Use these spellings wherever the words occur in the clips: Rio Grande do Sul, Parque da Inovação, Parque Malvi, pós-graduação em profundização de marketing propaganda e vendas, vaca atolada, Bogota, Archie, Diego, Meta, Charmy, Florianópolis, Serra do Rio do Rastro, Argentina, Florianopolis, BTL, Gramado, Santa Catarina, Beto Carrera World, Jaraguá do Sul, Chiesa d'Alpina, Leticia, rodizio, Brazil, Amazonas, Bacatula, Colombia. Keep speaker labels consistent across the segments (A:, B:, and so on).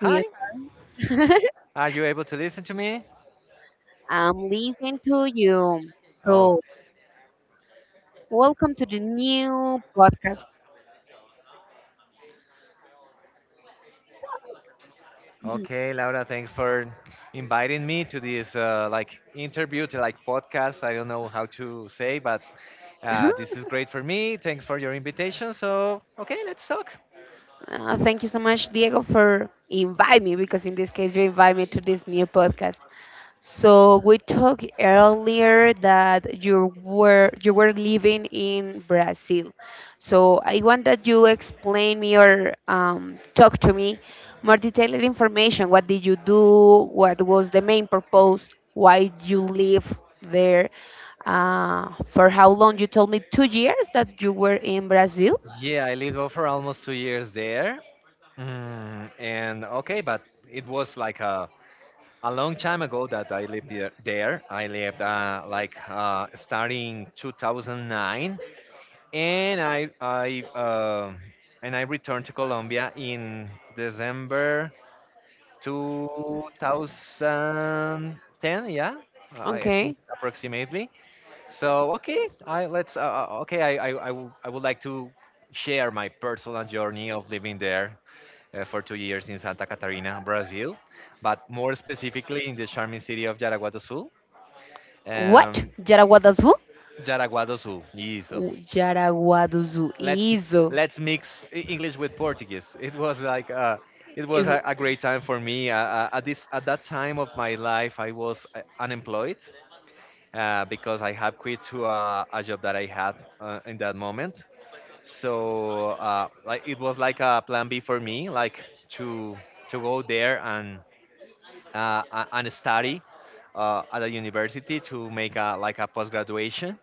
A: Hi,
B: with
A: are you able to listen to me?
B: I'm listening to you.
A: Oh,
B: So, welcome to the new podcast.
A: okay, Laura. Thanks for inviting me to this interview to like podcast. I don't know how to say, but this is great for me. Thanks for your invitation. So okay, let's talk.
B: Thank you so much, Diego, for inviting me because in this case you invite me to this new podcast. So we talked earlier that you were living in Brazil. So I want that you explain me or talk to me more detailed information. What did you do? What was the main purpose? Why you live there? For how long? You told me 2 years that you were in Brazil.
A: Yeah, I lived for almost 2 years there, mm, and okay, but it was like a long time ago that I lived there. I lived starting 2009, and I I uh, and I returned to Colombia in December 2010. I think
B: Okay.
A: approximately. So okay, I let's okay. I wou- I would like to share my personal journey of living there, for 2 years in Santa Catarina, Brazil, but more specifically in the charming city of Jaraguá do Sul.
B: What?
A: Um,
B: Jaraguá do Sul?
A: Jaraguá do Sul, isso.
B: Jaraguá do Sul.
A: let's
B: Isso.
A: let's mix English with Portuguese. It was
B: Is
A: a great time for me. At that time of my life, I was unemployed because I had quit to a job that I had in that moment. So like it was like a plan B for me, like to go there and and study at a university to make a like a post graduation,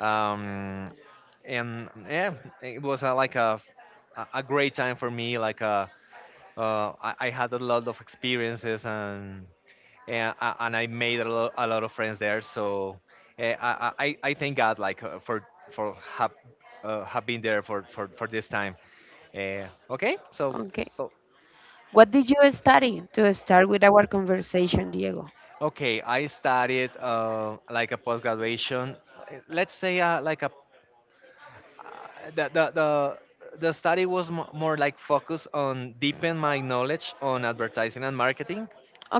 A: um, and yeah, it was like a great time for me. I had a lot of experiences and I made a lot of friends there. So I thank God like for have been there for this time. Uh, okay, so
B: okay.
A: so
B: What did you study to start with our conversation, Diego?
A: okay, I studied like a post graduation. Let's say like a uh, the the the the study was more like focused on deepen my knowledge on advertising and marketing.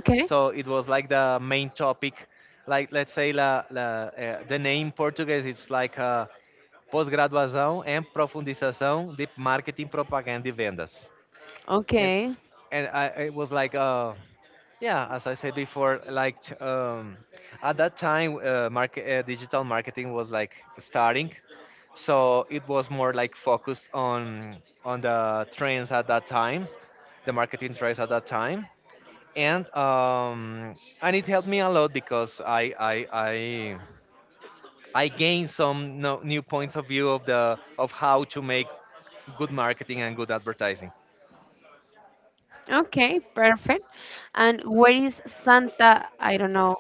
A: Okay. So it was like the main topic. Like let's say the name Portuguese, it's like pós-graduação em profundização de marketing propaganda e vendas, and
B: Okay.
A: and I it was like yeah as I said before, at that time, market digital marketing was like starting, so it was more like focused on the trends at that time, the marketing trends at that time, and it helped me a lot because I gained some no, new points of view of the of how to make good marketing and good advertising.
B: Okay, perfect. And where is Santa, I don't know,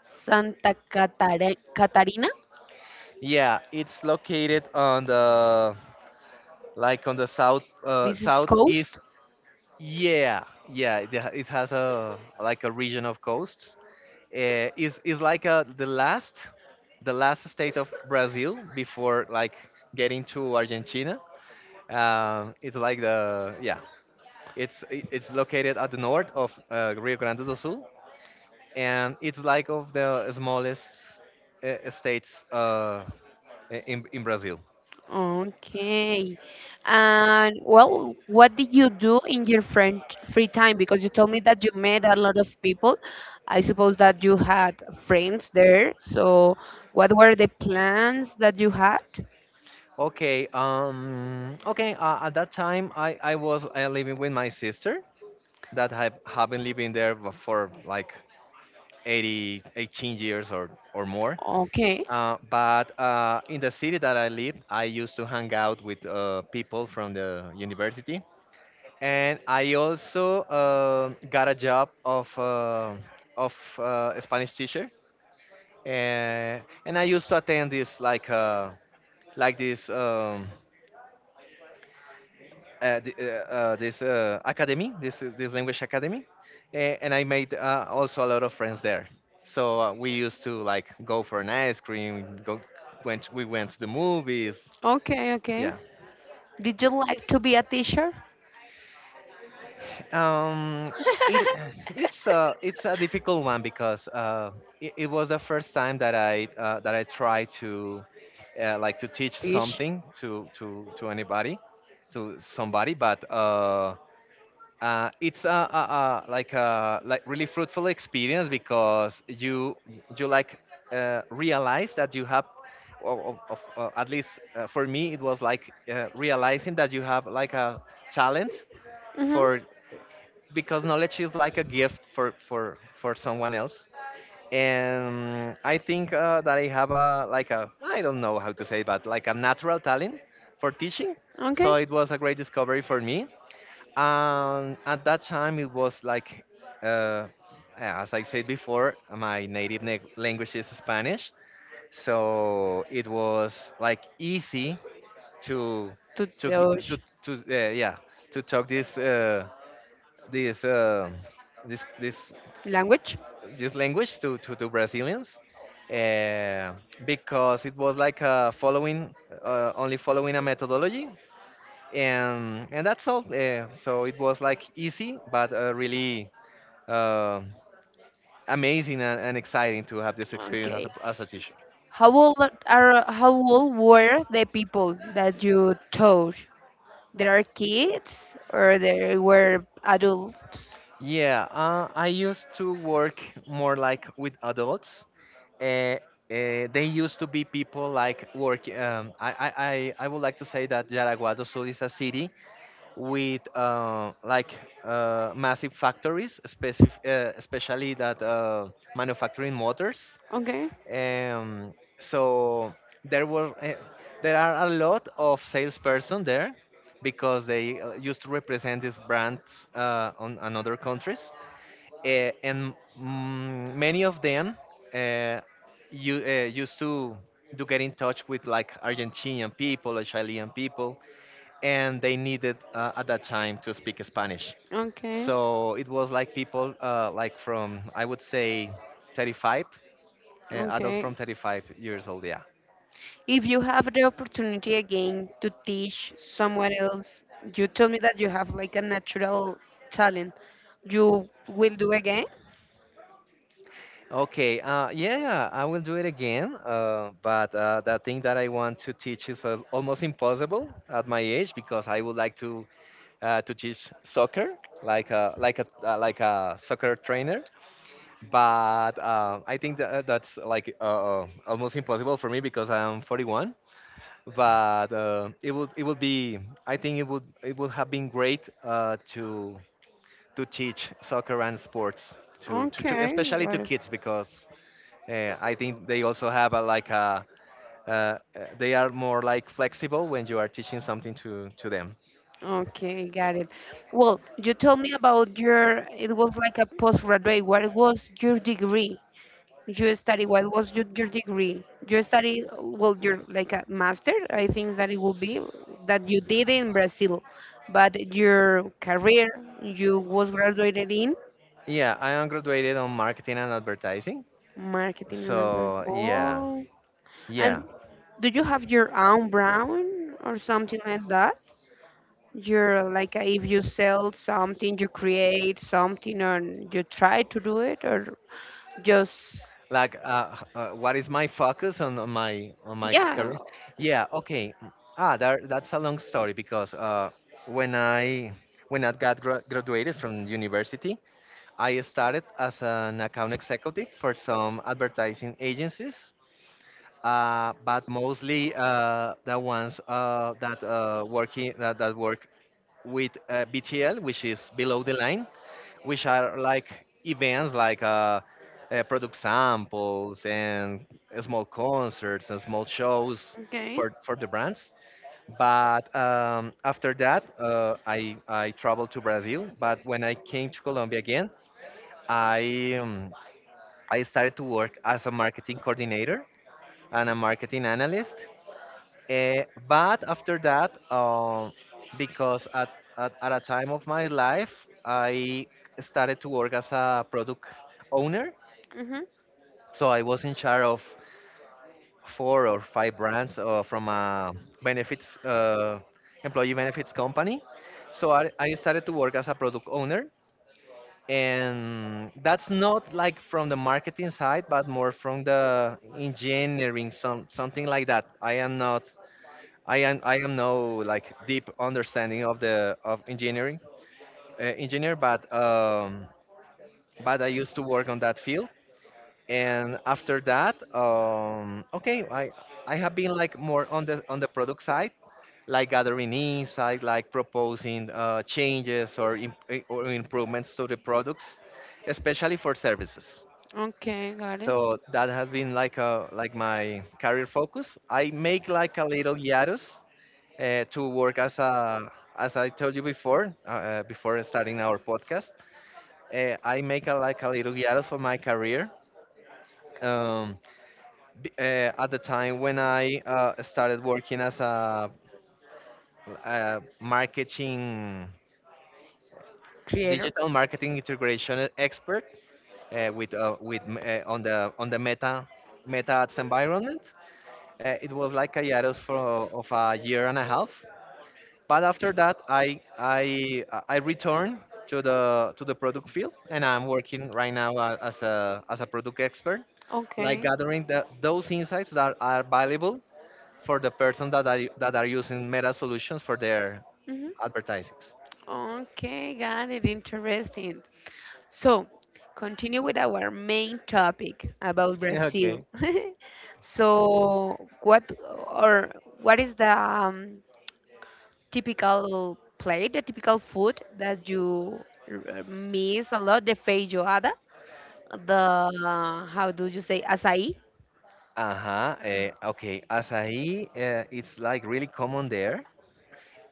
B: Catarina?
A: Yeah, it's located on the like on the south,
B: This is
A: southeast.
B: coast.
A: Yeah, yeah, it has a like a region of coasts. Is like a, the last, the last state of Brazil before like getting to Argentina. Um, it's like the yeah, it's it's located at the north of Rio Grande do Sul, and it's like of the smallest states in Brazil.
B: Okay. And well, what did you do in your friend free time? Because you told me that you met a lot of people. I suppose that you had friends there. So, what were the plans that you had?
A: Okay. Okay. At that time, I was living with my sister that have been living there for like 80, 18 years or more.
B: Okay.
A: But in the city that I lived, I used to hang out with people from the university, and I also got a job of a Spanish teacher, and and I used to attend this like this. Th- this academy, this language academy, and I made also a lot of friends there. So we used to like go for an ice cream. Go, went We went to the movies.
B: Okay, okay.
A: Yeah.
B: Did you like to be a teacher?
A: Um, it it's a difficult one because it was the first time that I tried to teach
B: Teach.
A: something to anybody, to somebody. But. It's a like really fruitful experience because you like realize that you have or at least for me it was like realizing that you have like a talent
B: Mm-hmm.
A: for, because knowledge is like a gift for someone else, and I think that I have a like a, I don't know how to say it, but like a natural talent for teaching. So
B: Okay.
A: it was a great discovery for me. At that time, it was like, uh, as I said before, my native language is Spanish, so it was like easy to
B: To
A: to g-
B: teach
A: to yeah, to talk this uh, this this
B: language.
A: this language to to Brazilians, Uh, because it was like following only following a methodology and that's all. So it was like easy, but really uh, amazing and exciting to have this experience
B: Okay.
A: as a teacher.
B: How old how old were the people that you taught? There are kids or there were adults?
A: Yeah, I used to work more like with adults. Uh, uh, they used to be people like work. I would like to say that Yaraguá do Sul is a city with massive factories, especially that manufacturing motors.
B: Okay,
A: Um, so there were uh, there are a lot of salesperson there because they used to represent these brands on other countries, many of them uh, used to get in touch with like Argentinian people or Chilean people, and they needed at that time to speak Spanish.
B: okay.
A: So it was like people from, I would say, 35, adults
B: Okay.
A: from 35 years old, yeah.
B: If you have the opportunity again to teach someone else, you told me that you have like a natural talent. You will do again?
A: Okay, yeah, yeah, I will do it again. But the thing that I want to teach is almost impossible at my age, because I would like to teach soccer, like a like a like a soccer trainer. But I think that, that's like almost impossible for me because I'm 41. But it would be I think it would have been great to teach soccer and sports to
B: Okay,
A: especially to
B: got it.
A: kids because I think they also have a like a uh, uh, they are more like flexible when you are teaching something to them.
B: Okay, got it. Well, you told me about it was like a postgraduate. What was your degree? You study, what was your degree? You study, well, you're like a master, I think that it will be, that you did in Brazil. But your career, you was graduated in
A: Yeah, I am graduated on marketing and advertising.
B: marketing and advert.
A: So yeah,
B: Oh, and
A: yeah.
B: do you have your own brand or something like that? You're like if you sell something, you create something, or you try to do it, or just
A: Like, what is my focus on my
B: yeah.
A: career? Yeah. Okay. Ah, that, that's a long story because when I graduated from university, I started as an account executive for some advertising agencies, but mostly the ones that work with BTL, which is below the line, which are like events, like product samples and small concerts and small shows
B: Okay.
A: for the brands. But after that, I traveled to Brazil. But when I came to Colombia again, I um, I started to work as a marketing coordinator and a marketing analyst. Eh, but after that, because at, at a time of my life, I started to work as a product owner.
B: Mhm.
A: So I was in charge of four or five brands from a benefits employee benefits company. So I started to work as a product owner, and that's not like from the marketing side but more from the engineering, some something like that. I am not I am I am no like deep understanding of the of engineering engineer, but I used to work on that field. And after that, okay, I have been like more on the product side, like gathering insight, like proposing changes or improvements to the products, especially for services.
B: Okay, got it.
A: So that has been like a, like my career focus. I make like a little hiatus to work as a, as I told you before, before starting our podcast, I make a, like a little hiatus for my career. Um, at the time when I started working as a, uh, marketing,
B: Creator.
A: digital marketing integration expert on the Meta Ads environment. It was like a hiatus for of a year and a half. But after that, I returned to the product field, and I'm working right now a- as a as a product expert, like
B: Okay.
A: gathering the, those insights that are valuable for the person that are using Meta solutions for their
B: Mhm.
A: advertisings.
B: Okay, got it. Interesting. So, continue with our main topic about
A: Yeah, okay.
B: Brazil. So, what or what is the typical plate, the typical food that miss a lot? The feijoada, the how do you say, açaí?
A: Uh-huh. Okay. Acai, it's like really common there.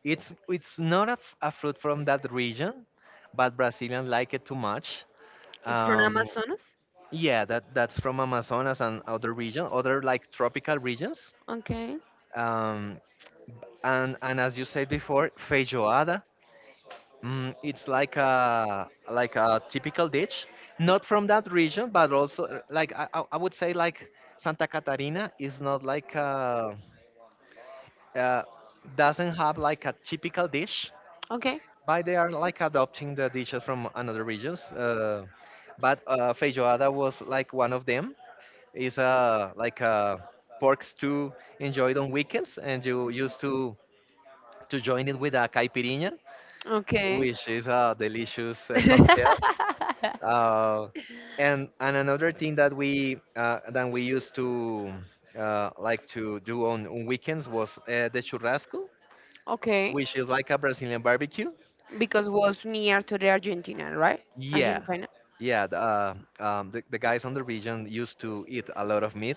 A: It's not a, a fruit from that region, but Brazilians like it too much.
B: It's from
A: Um,
B: Amazonas.
A: yeah, that that's from Amazonas and other region, other like tropical regions.
B: Okay,
A: Um, and as you said before, feijoada. It's like a typical dish, not from that region, but also like I would say like Santa Catarina is not like uh, doesn't have like a typical dish,
B: okay,
A: but they are like adopting the dishes from another regions. But feijoada was like one of them. Is a like a pork stew enjoyed on weekends, and you used to join it with a caipirinha,
B: okay.
A: which is a delicious cocktail. Uh, and another thing that we used to like to do on weekends was the churrasco,
B: Okay.
A: which is like a Brazilian barbecue.
B: Because was near to the Argentina, right?
A: Yeah,
B: Argentina.
A: yeah. The guys on the region used to eat a lot of meat,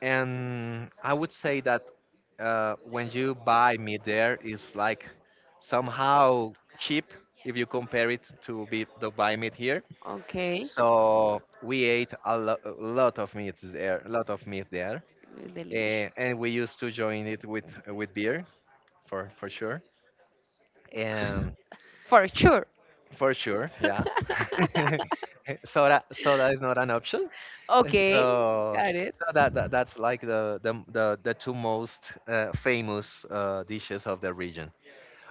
A: and I would say that when you buy meat there, it's like somehow cheap if you compare it to be the buy meat here.
B: Okay.
A: So we ate a lot of meats there, a lot of meat there,
B: Delicious.
A: and we used to join it with beer for sure, and
B: For sure.
A: for sure, yeah. Soda is not an option,
B: Okay.
A: so
B: Got it.
A: so that's like the two most famous dishes of the region.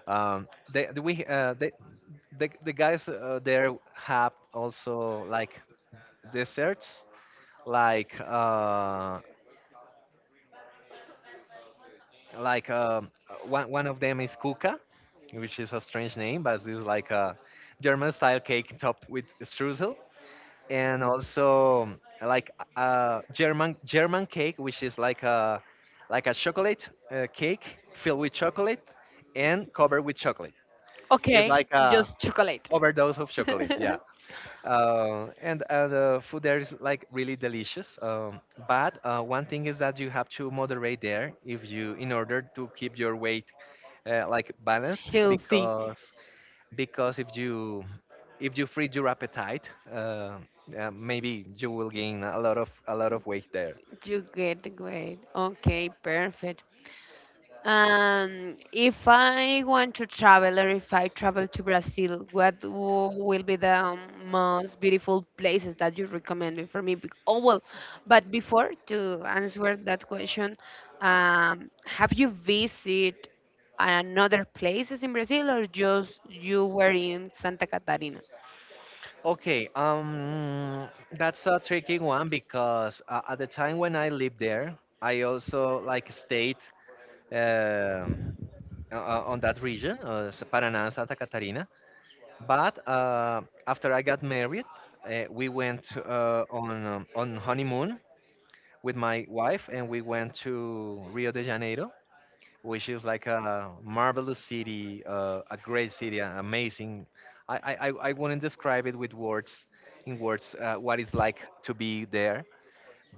A: Um, they the- we they the guys there have also like desserts like uh, like one of them is kuka, which is a strange name, but it's like a German style cake topped with streusel, and also like a German cake, which is like a chocolate cake filled with chocolate and covered with chocolate. Okay, it's
B: Okay,
A: like a
B: just chocolate.
A: overdose of chocolate. Yeah. And The food there is like really delicious. But One thing is that you have to moderate there if you, in order to keep your weight like balanced,
B: Healthy.
A: because if you feed your appetite, maybe you will gain a lot of weight there.
B: You get great. Okay, perfect. If I want to travel or if I travel to Brazil, what will be the most beautiful places that you recommend me for me? Oh, well, but before to answer that question, have you visited another places in Brazil or just you were in Santa Catarina?
A: Okay, that's a tricky one because at the time when I lived there, I also like stayed. um on that region, Paraná and Santa Catarina. But after I got married, we went on honeymoon with my wife, and we went to Rio de Janeiro, which is like a marvelous city, a great city, an amazing. I wouldn't describe it with words, in words, what it's like to be there.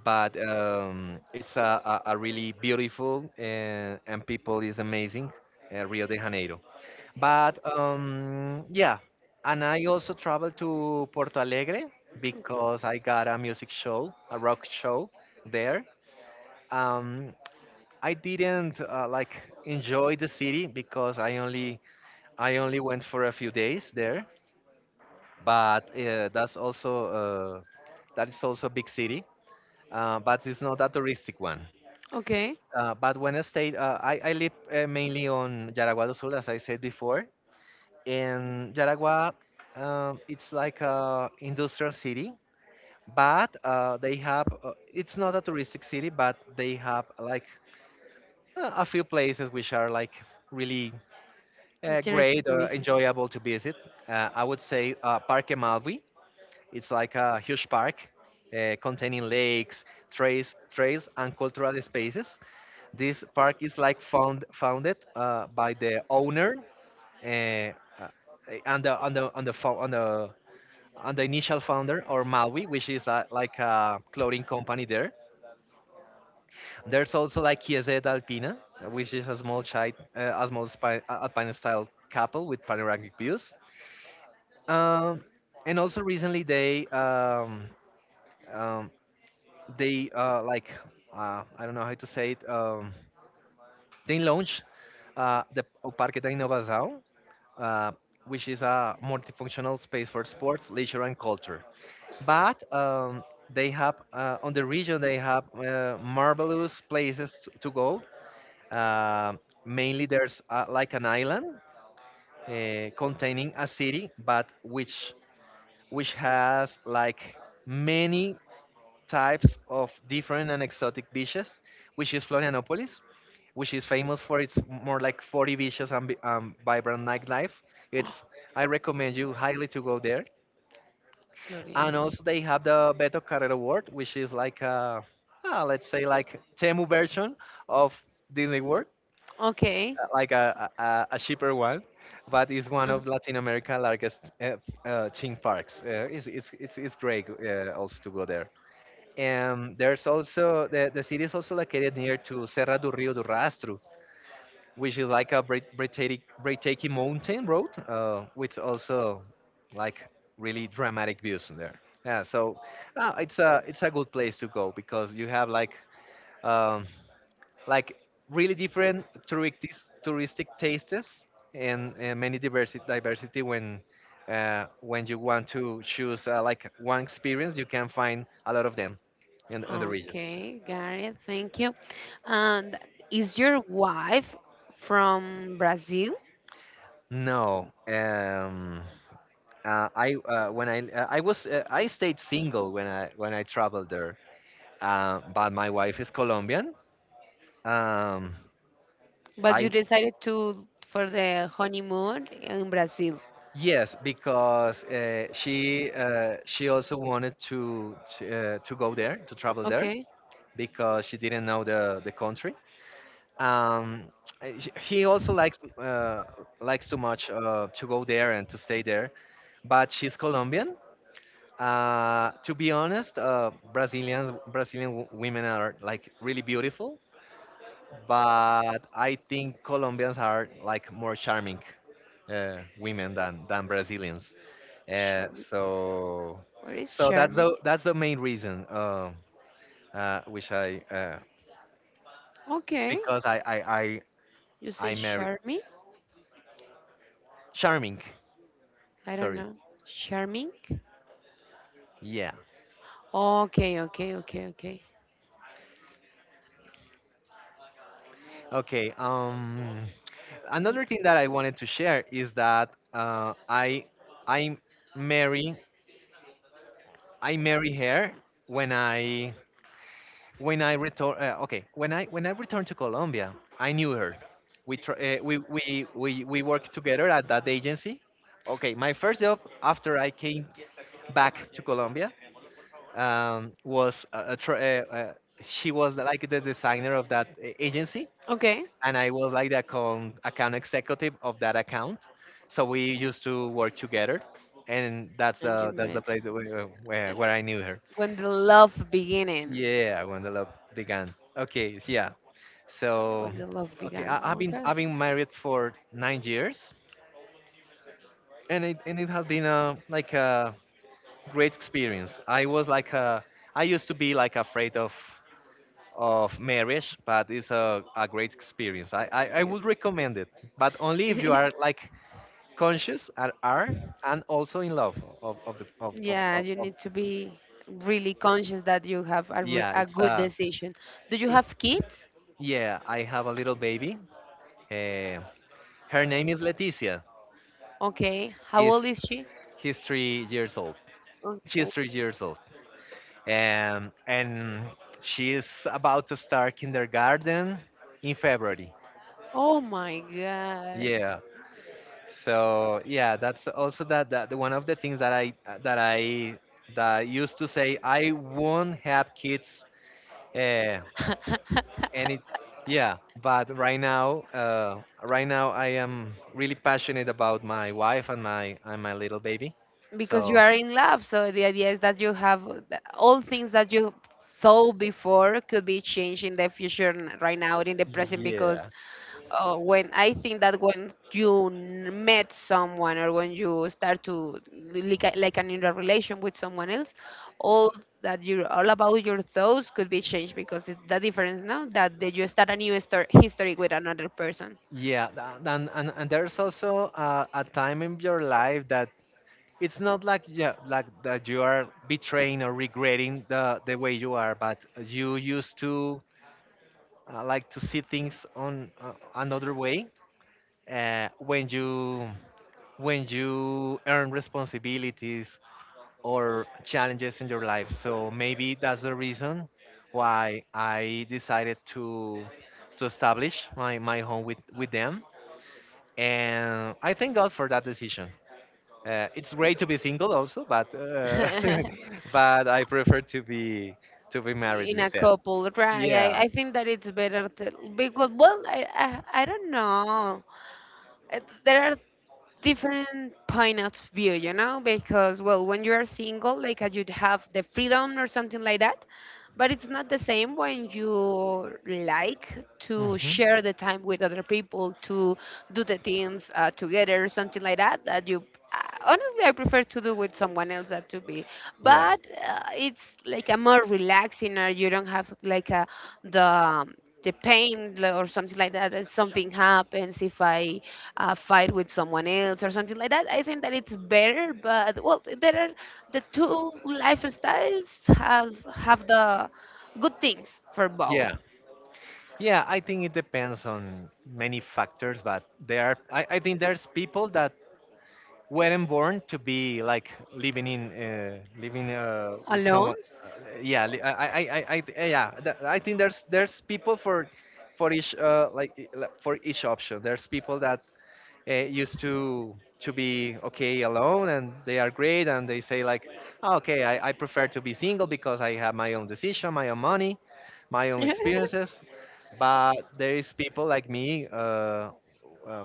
A: But it's a really beautiful and people is amazing, Rio de Janeiro. But yeah, and I also traveled to Porto Alegre because I got a music show, a rock show there. Um, I didn't like enjoy the city because I only went for a few days there. But that's also that is also a big city, but it's not a touristic one.
B: Okay,
A: But When I stayed, I live mainly on Jaraguá do Sul, as I said before, and Yaragua, it's like a industrial city, but they have. It's not a touristic city, but they have like a few places which are like really
B: interesting
A: great
B: to
A: or
B: visit.
A: enjoyable to visit. I would say Parque Malvi it's like a huge park containing lakes, trails, and cultural spaces. This park is like founded by the owner uh, uh, and the on the on the initial founder or Maui, which is a, like a clothing company there. There's also like Chiesa d'Alpina, which is a small child, a small alpine style couple with panoramic views. Um, and also recently um, they like I don't know how to say it. They launched the O Parque da Inovação, uh, which is a multifunctional space for sports, leisure, and culture. But they have on the region they have marvelous places to go. Uh, Mainly there's like an island containing a city, but which has like many types of different and exotic beaches, which is Florianopolis, which is famous for its more like 40 beaches and vibrant nightlife. It's I recommend you highly to go there. And also they
B: Florianópolis.
A: have the Beto Carrera World, which is like let's say like Temu version of Disney World,
B: Okay,
A: like a cheaper one, but it's one of Latin America largest theme parks. It's great also to go there. And there's also the city is also located near to Serra do Rio do Rastro, which is like a breathtaking mountain road, with also like really dramatic views in there. Yeah, so it's a good place to go because you have um, like really different touristic tastes and many diversity when you want to choose like one experience, you can find a lot of them in the region.
B: Okay, got it. Thank you. And is your wife from Brazil?
A: No, I when I was I stayed single when I traveled there. But my wife is Colombian. Um,
B: But
A: I
B: you decided to for the honeymoon in Brazil.
A: yes because she also wanted to go there to travel there
B: Okay,
A: because she didn't know the country. Um, he also likes likes too much to go there and to stay there, but she's Colombian. To be honest, Brazilians, Brazilian women are like really beautiful, but I think Colombians are like more charming women than Brazilians. Uh,
B: Charmy.
A: so,
B: Where is
A: so
B: Charming?
A: that's the main reason, which I
B: Okay,
A: because
B: you say
A: I married
B: Charming?
A: charming.
B: I don't
A: Sorry.
B: know. Charming?
A: Yeah.
B: Okay, okay, okay, okay.
A: Okay. Another thing that I wanted to share is that I marry I marry her when I return. Okay, when I returned to Colombia, I knew her. We tr- We worked together at that agency. Okay, my first job after I came back to Colombia was she was like the designer of that agency,
B: Okay.
A: and I was like the account executive of that account. So we used to work together, and
B: And you
A: that's the
B: met.
A: place that we, where I knew her.
B: When the love beginning.
A: Yeah, when the love began. Okay, so yeah. So,
B: When the love
A: okay,
B: began.
A: I've been married for 9 years, and it has been a like a great experience. I was like a I used to be like afraid of marriage, but it's a great experience. I
B: Okay.
A: would recommend it, but only if you are like conscious and are and also in love of the
B: Yeah, yeah, you
A: of
B: need to be really conscious that you have
A: yeah.
B: a
A: It's
B: good
A: a
B: decision. Do you have kids?
A: yeah. I have a little baby. Uh, Her name is Leticia.
B: Okay. How old
A: He's
B: is she?
A: he's 3 years old. She's
B: Okay.
A: 3 years old, and she's about to start kindergarten in February.
B: Oh my
A: Yeah. So yeah, that's also that that one of the things that that I I used to say I won't have kids. Uh,
B: gosh.
A: and it Yeah, but right now I am really passionate about my wife and my little baby.
B: Because you
A: So.
B: are in love, so the idea is that you have all things that you thought before could be changed in the future, right now, in the present, because.
A: Yeah.
B: Oh, when I think that when met someone or when you start to like, like an in a relation with someone else, all that you all about your thoughts could be changed because it's the difference now that you start a new story, history with another person.
A: Yeah, and there's also a time in your life that it's not like yeah, like that you are betraying or regretting the way you are, but you used to like to see things on another way when you earn responsibilities or challenges in your life. So maybe that's the reason why I decided to establish my home with them. And I thank God for that decision. It's great to be single also, but but I prefer to be married
B: In a
A: instead.
B: couple, right,
A: Yeah.
B: I think that it's better to because well I don't know. There are different point of view, because well, when you are single, like you'd have the freedom or something like that, but it's not the same when you like to
A: Mhm.
B: share the time with other people, to do the things together, something like that, that you uh, honestly, I prefer to do with someone else than to be,
A: Yeah.
B: but it's like a more relaxing, or you don't have like a the um, the pain or something like that. That something happens if I fight with someone else or something like that. I think that it's better, but well, there are the two lifestyles has have the good things for, yeah,
A: Yeah.
B: both.
A: Yeah, I think it depends on many factors, but there are, I think there's people that weren't born to be like living in living with
B: Alone,
A: someone. Uh, yeah, li- I- Yeah. I think there's people for each for each option. There's people that used to be okay alone and they are great and they say like, "Oh, okay, I prefer to be single because I have my own decision, my own money, my own experiences. But there is people like me. Uh,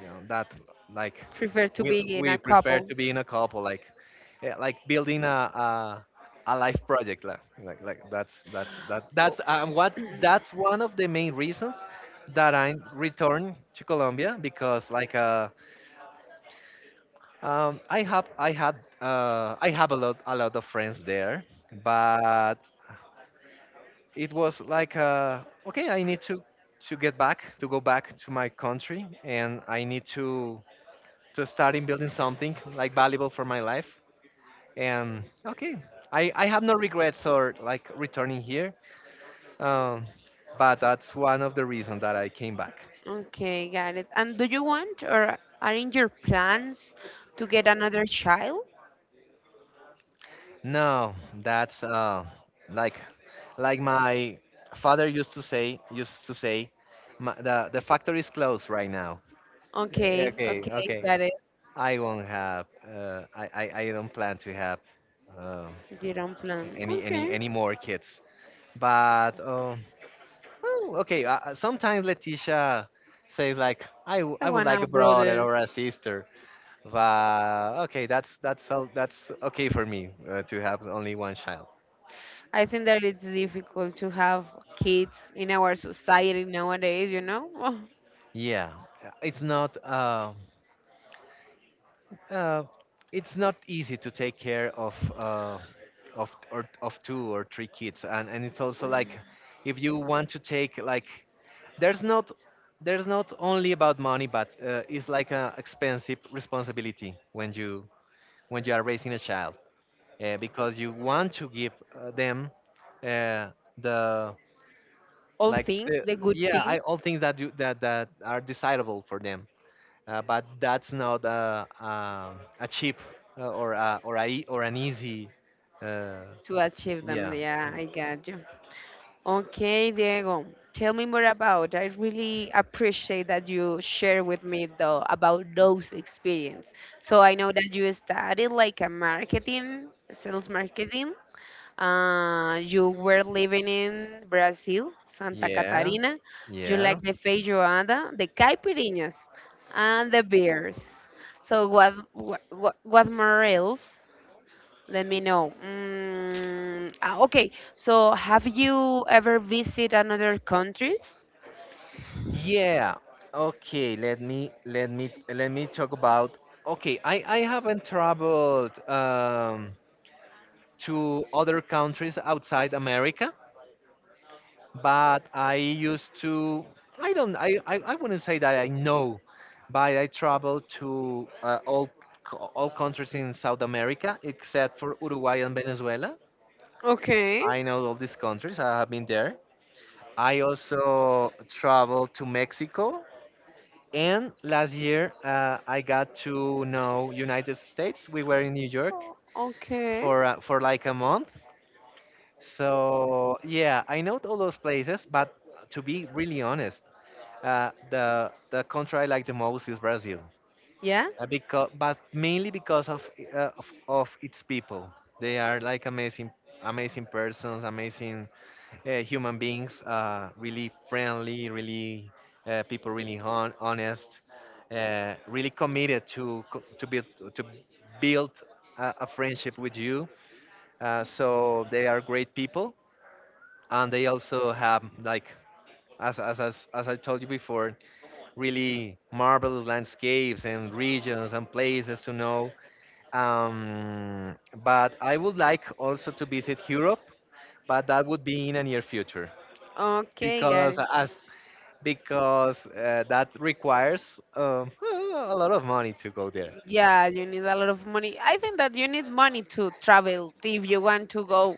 A: you know that, like,
B: prefer to
A: we
B: be in a
A: we prefer
B: couple.
A: to be in a couple, like, yeah, like building a life project, like, that's that that's what that's one of the main reasons that I returned to Colombia because, like, um I have I had I have a lot of friends there, but it was like, okay, I need to get back, to go back to my country, and I need to starting building something, like, valuable for my life. And okay, I have no regrets or, like, returning here, um, but that's one of the reasons that I came back.
B: Okay, got it. And do you want or are in your plans to get another child?
A: No, that's like my father used to say, "The factory is closed right now.
B: Okay,
A: Okay,
B: okay,
A: okay.
B: got it.
A: I won't have. I don't plan to have um,
B: You don't plan.
A: any any
B: Okay,
A: any more kids. But oh, okay. Sometimes Leticia says, like,
B: I
A: I would
B: want
A: like
B: a
A: a brother
B: brother.
A: or a sister,' but okay, that's all, that's okay for me to have only one child.
B: I think that it's difficult to have kids in our society nowadays, you know?
A: Yeah, uh, it's not uh, uh, it's not easy to take care of two or three kids, and it's also, like, if you want to take, like, there's not there's not only about money, but it's like an expensive responsibility when you are raising a child, because you want to give them uh, the,
B: All
A: like,
B: things,
A: the,
B: the good
A: yeah,
B: things,
A: all things that you that that are desirable for them, but that's not a cheap, or an easy." uh,
B: to achieve them.
A: yeah
B: Yeah, I got you. Okay, Diego, tell me more about. I really appreciate that you share with me though about those experience. So I know that you studied like a marketing, sales marketing. You were living in Brazil, Santa
A: yeah
B: Catarina. You like
A: yeah
B: the feijoada, the caipirinhas, and the beers. So what more else? Let me know. Okay, so have you ever visited another countries?
A: yeah okay, let me talk about... Okay, I haven't traveled to other countries outside America, but I used to. I don't. I. I wouldn't say that I know, but I traveled to, all countries in South America except for Uruguay and Venezuela.
B: Okay.
A: I know all these countries. I have been there. I also traveled to Mexico. And last year, I got to know United States. We were in New York
B: Okay.
A: for like a month. So yeah, I know all those places. But to be really honest, the country I like the most is Brazil,
B: Yeah.
A: because but mainly because of its people. They are, like, amazing, amazing persons, amazing human beings. Really friendly, really people, really honest, really committed to build a friendship with you. So they are great people, and they also have, like, as I told you before, really marvelous landscapes and regions and places to know. Um, but I would like also to visit Europe, but that would be in a near future
B: Okay, got
A: because,
B: it.
A: as because that requires a lot of money to go there.
B: Yeah, you need a lot of money. I think that you need money to travel if you want to go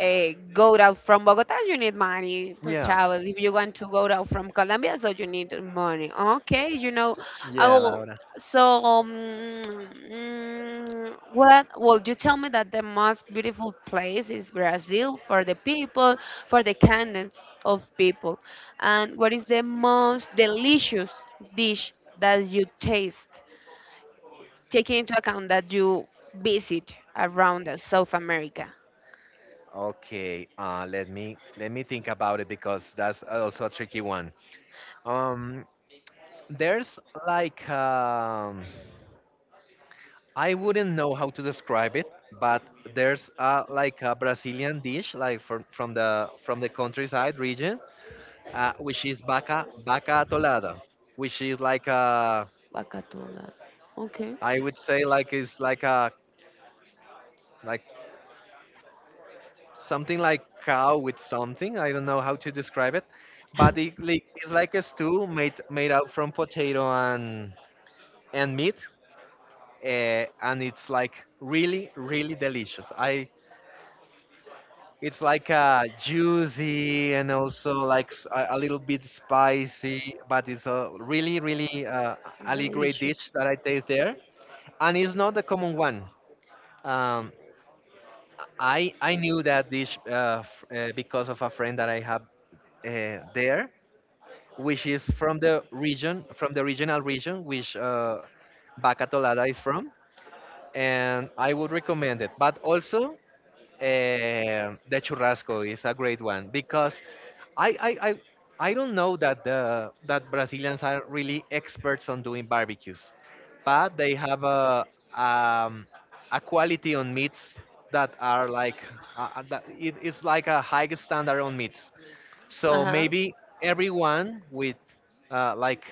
B: uh, go out from Bogota, you need money to
A: Yeah,
B: travel. If you want to go out from Colombia, so you need money. Okay, I
A: yeah,
B: will.
A: Laura.
B: So, um, what? Well, you tell me that the most beautiful place is Brazil for the people, for the kindness of people, and what is the most delicious dish that you taste, taking into account that you visit around the South America?
A: Okay, let me think about it because that's also a tricky one. Um, there's, like, I wouldn't know how to describe it, but there's, like, a Brazilian dish, like from the countryside region, which is vaca vaca atolada, which is like a,
B: Bacatula. Ok.
A: I would say, like, is like a, like something like cow with something. I don't know how to describe it, but it, like, it's like a stew made out from potato and meat, and it's like really, really delicious. I It's like juicy and also like a little bit spicy, but it's a really, really a great dish
B: Delicious.
A: that I taste there, and it's not the common one. Um, I knew that dish because of a friend that I have there, which is from the region, from the regional region, which, Bacatolada is from, and I would recommend it. But also, the churrasco is a great one because, I, I, I, I don't know that the that Brazilians are really experts on doing barbecues, but they have um, a quality on meats that are like, that it, it's like a high standard on meats.
B: Uh
A: So
B: huh.
A: maybe everyone with, like,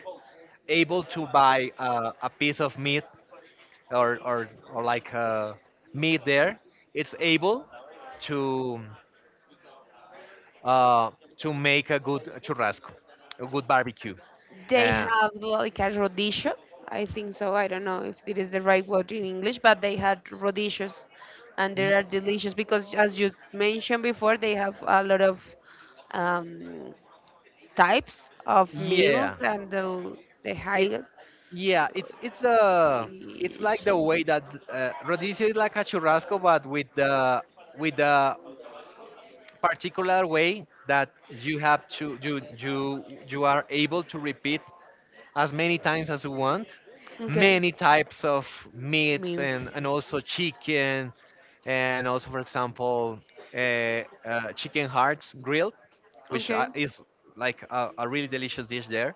A: able to buy a piece of meat or or, or like meat there, it's able to uh, to make a good churrasco, a good barbecue.
B: They
A: Uh,
B: have like a rodillo. I think so. I don't know if it is the right word in English, but they had rodillos, and they
A: y-
B: are delicious because, as you mentioned before, they have a lot of um, types of meals
A: yeah,
B: and the
A: it
B: highest.
A: yeah, it's like the
B: Delicious.
A: way that, rodizio is like a churrasco, but with the particular way that you have to you are able to repeat as many times as you want,
B: Okay,
A: many types of meats
B: meals.
A: and also chicken, and also, for example, chicken hearts grilled, which,
B: Okay.
A: is like a really delicious dish there.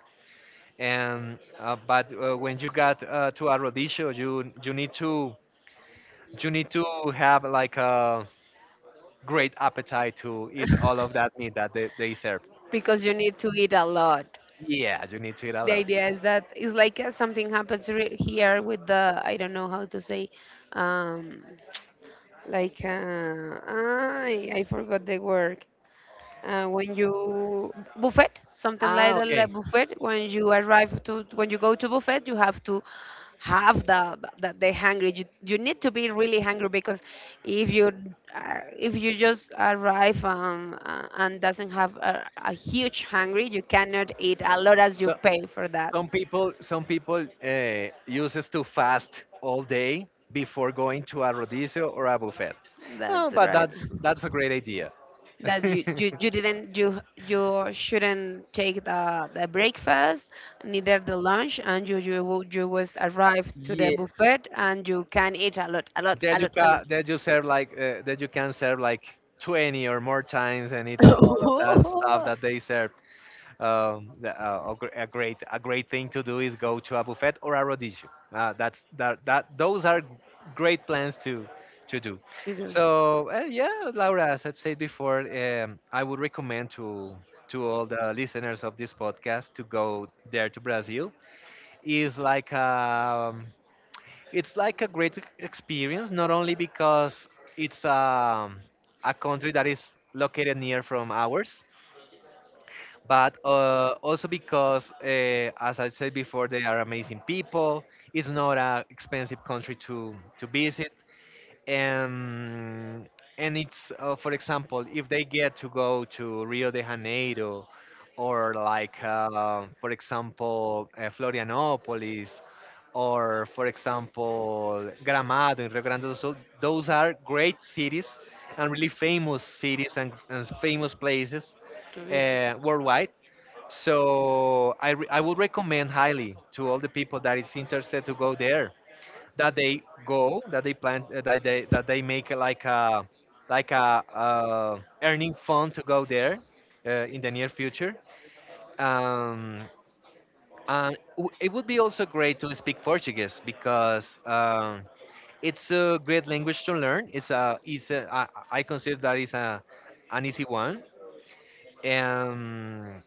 A: And But when you got, to Arrodillo, you need to have, like, a great appetite to eat all of that meat that they serve.
B: Because you need to eat a lot.
A: Yeah, you need to eat a
B: The
A: lot.
B: idea is that it's like something happens here with the I don't know how to say um like I forgot the word when you buffet something like
A: Ah,
B: that
A: okay.
B: like buffet when you arrive to when you go to buffet you have to have the hungry, you need to be really hungry because if you if you just arrive and doesn't have a huge hungry you cannot eat a lot as you
A: So.
B: pay for that.
A: Some people uses to fast all day before going to a rodizio or a buffet. Oh,
B: That's
A: but
B: right.
A: that's a great idea.
B: That you, you, you didn't you you shouldn't take the breakfast, neither the lunch, and you was arrive to the
A: Yeah,
B: buffet and you can eat a lot, a lot, a
A: that
B: lot, a lot.
A: you serve like, that you can serve like 20 or more times and eat all of that stuff that they serve. A great thing to do is go to a buffet or a rodizio. That's that that those are great plans to do.
B: To do.
A: So yeah, Laura, as I said before, I would recommend to all the listeners of this podcast to go there, to Brazil. Is like, it's like a great experience, not only because it's, a country that is located near from ours, but also because, as I said before, they are amazing people. It's not an expensive country to visit, and and it's, for example, if they get to go to Rio de Janeiro, or, like, for example, Florianopolis, or, for example, Gramado in Rio Grande do Sul. Those are great cities and really famous cities and famous places
B: To visit.
A: worldwide, so, I would recommend highly to all the people that is interested to go there, that they go that they plan, that they make a like a earning fund to go there, in the near future. Um, it would be also great to speak Portuguese because, it's a great language to learn. It's a I consider that is a an easy one. Um,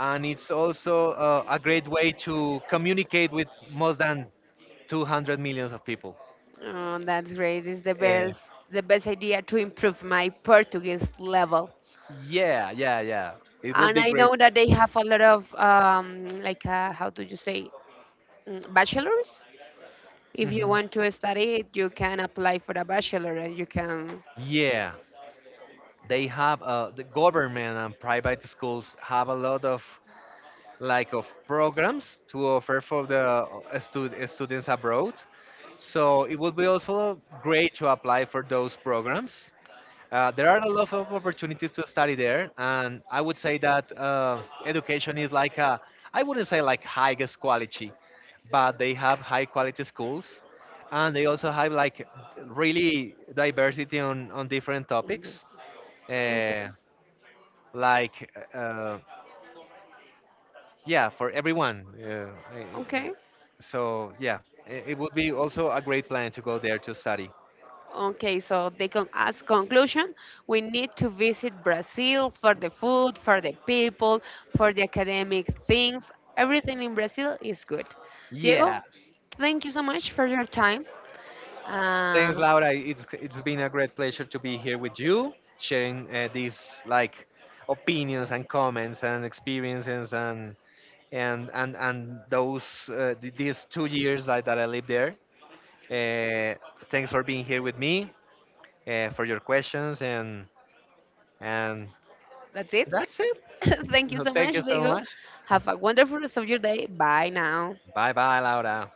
A: and it's also a great way to communicate with more than 200 millions of people.
B: Oh, that's great. It's the
A: Uh,
B: best the best idea to improve my Portuguese level.
A: yeah, yeah, yeah. It would
B: And
A: be
B: I
A: great.
B: know that they have a lot of like how do you say bachelors. If you
A: Mhm.
B: want to study it, you can apply for a bachelor and you can.
A: Yeah, they have the government and private schools have a lot of, like, of programs to offer for the students abroad. So it would be also great to apply for those programs. There are a lot of opportunities to study there, and I would say that, education is like a, I wouldn't say like highest quality, but they have high quality schools, and they also have, like, really diversity on different topics.
B: Okay.
A: Uh, like, uh, yeah, for everyone. I- I-
B: Okay.
A: so yeah, it would be also a great plan to go there to study.
B: Okay, so they can as conclusion, we need to visit Brazil for the food, for the people, for the academic things. Everything in Brazil is good. Diego,
A: Yeah,
B: thank you so much for your time. Uh,
A: thanks, Laura. It's been a great pleasure to be here with you, sharing, these, like, opinions and comments and experiences and those, these 2 years that, I lived there. Uh, Thanks for being here with me, for your questions, and
B: that's it.
A: that's it.
B: Thank you so
A: Thank
B: much,
A: you so
B: Diego.
A: much.
B: Have a wonderful rest of your day. Bye now.
A: Bye, bye, Laura.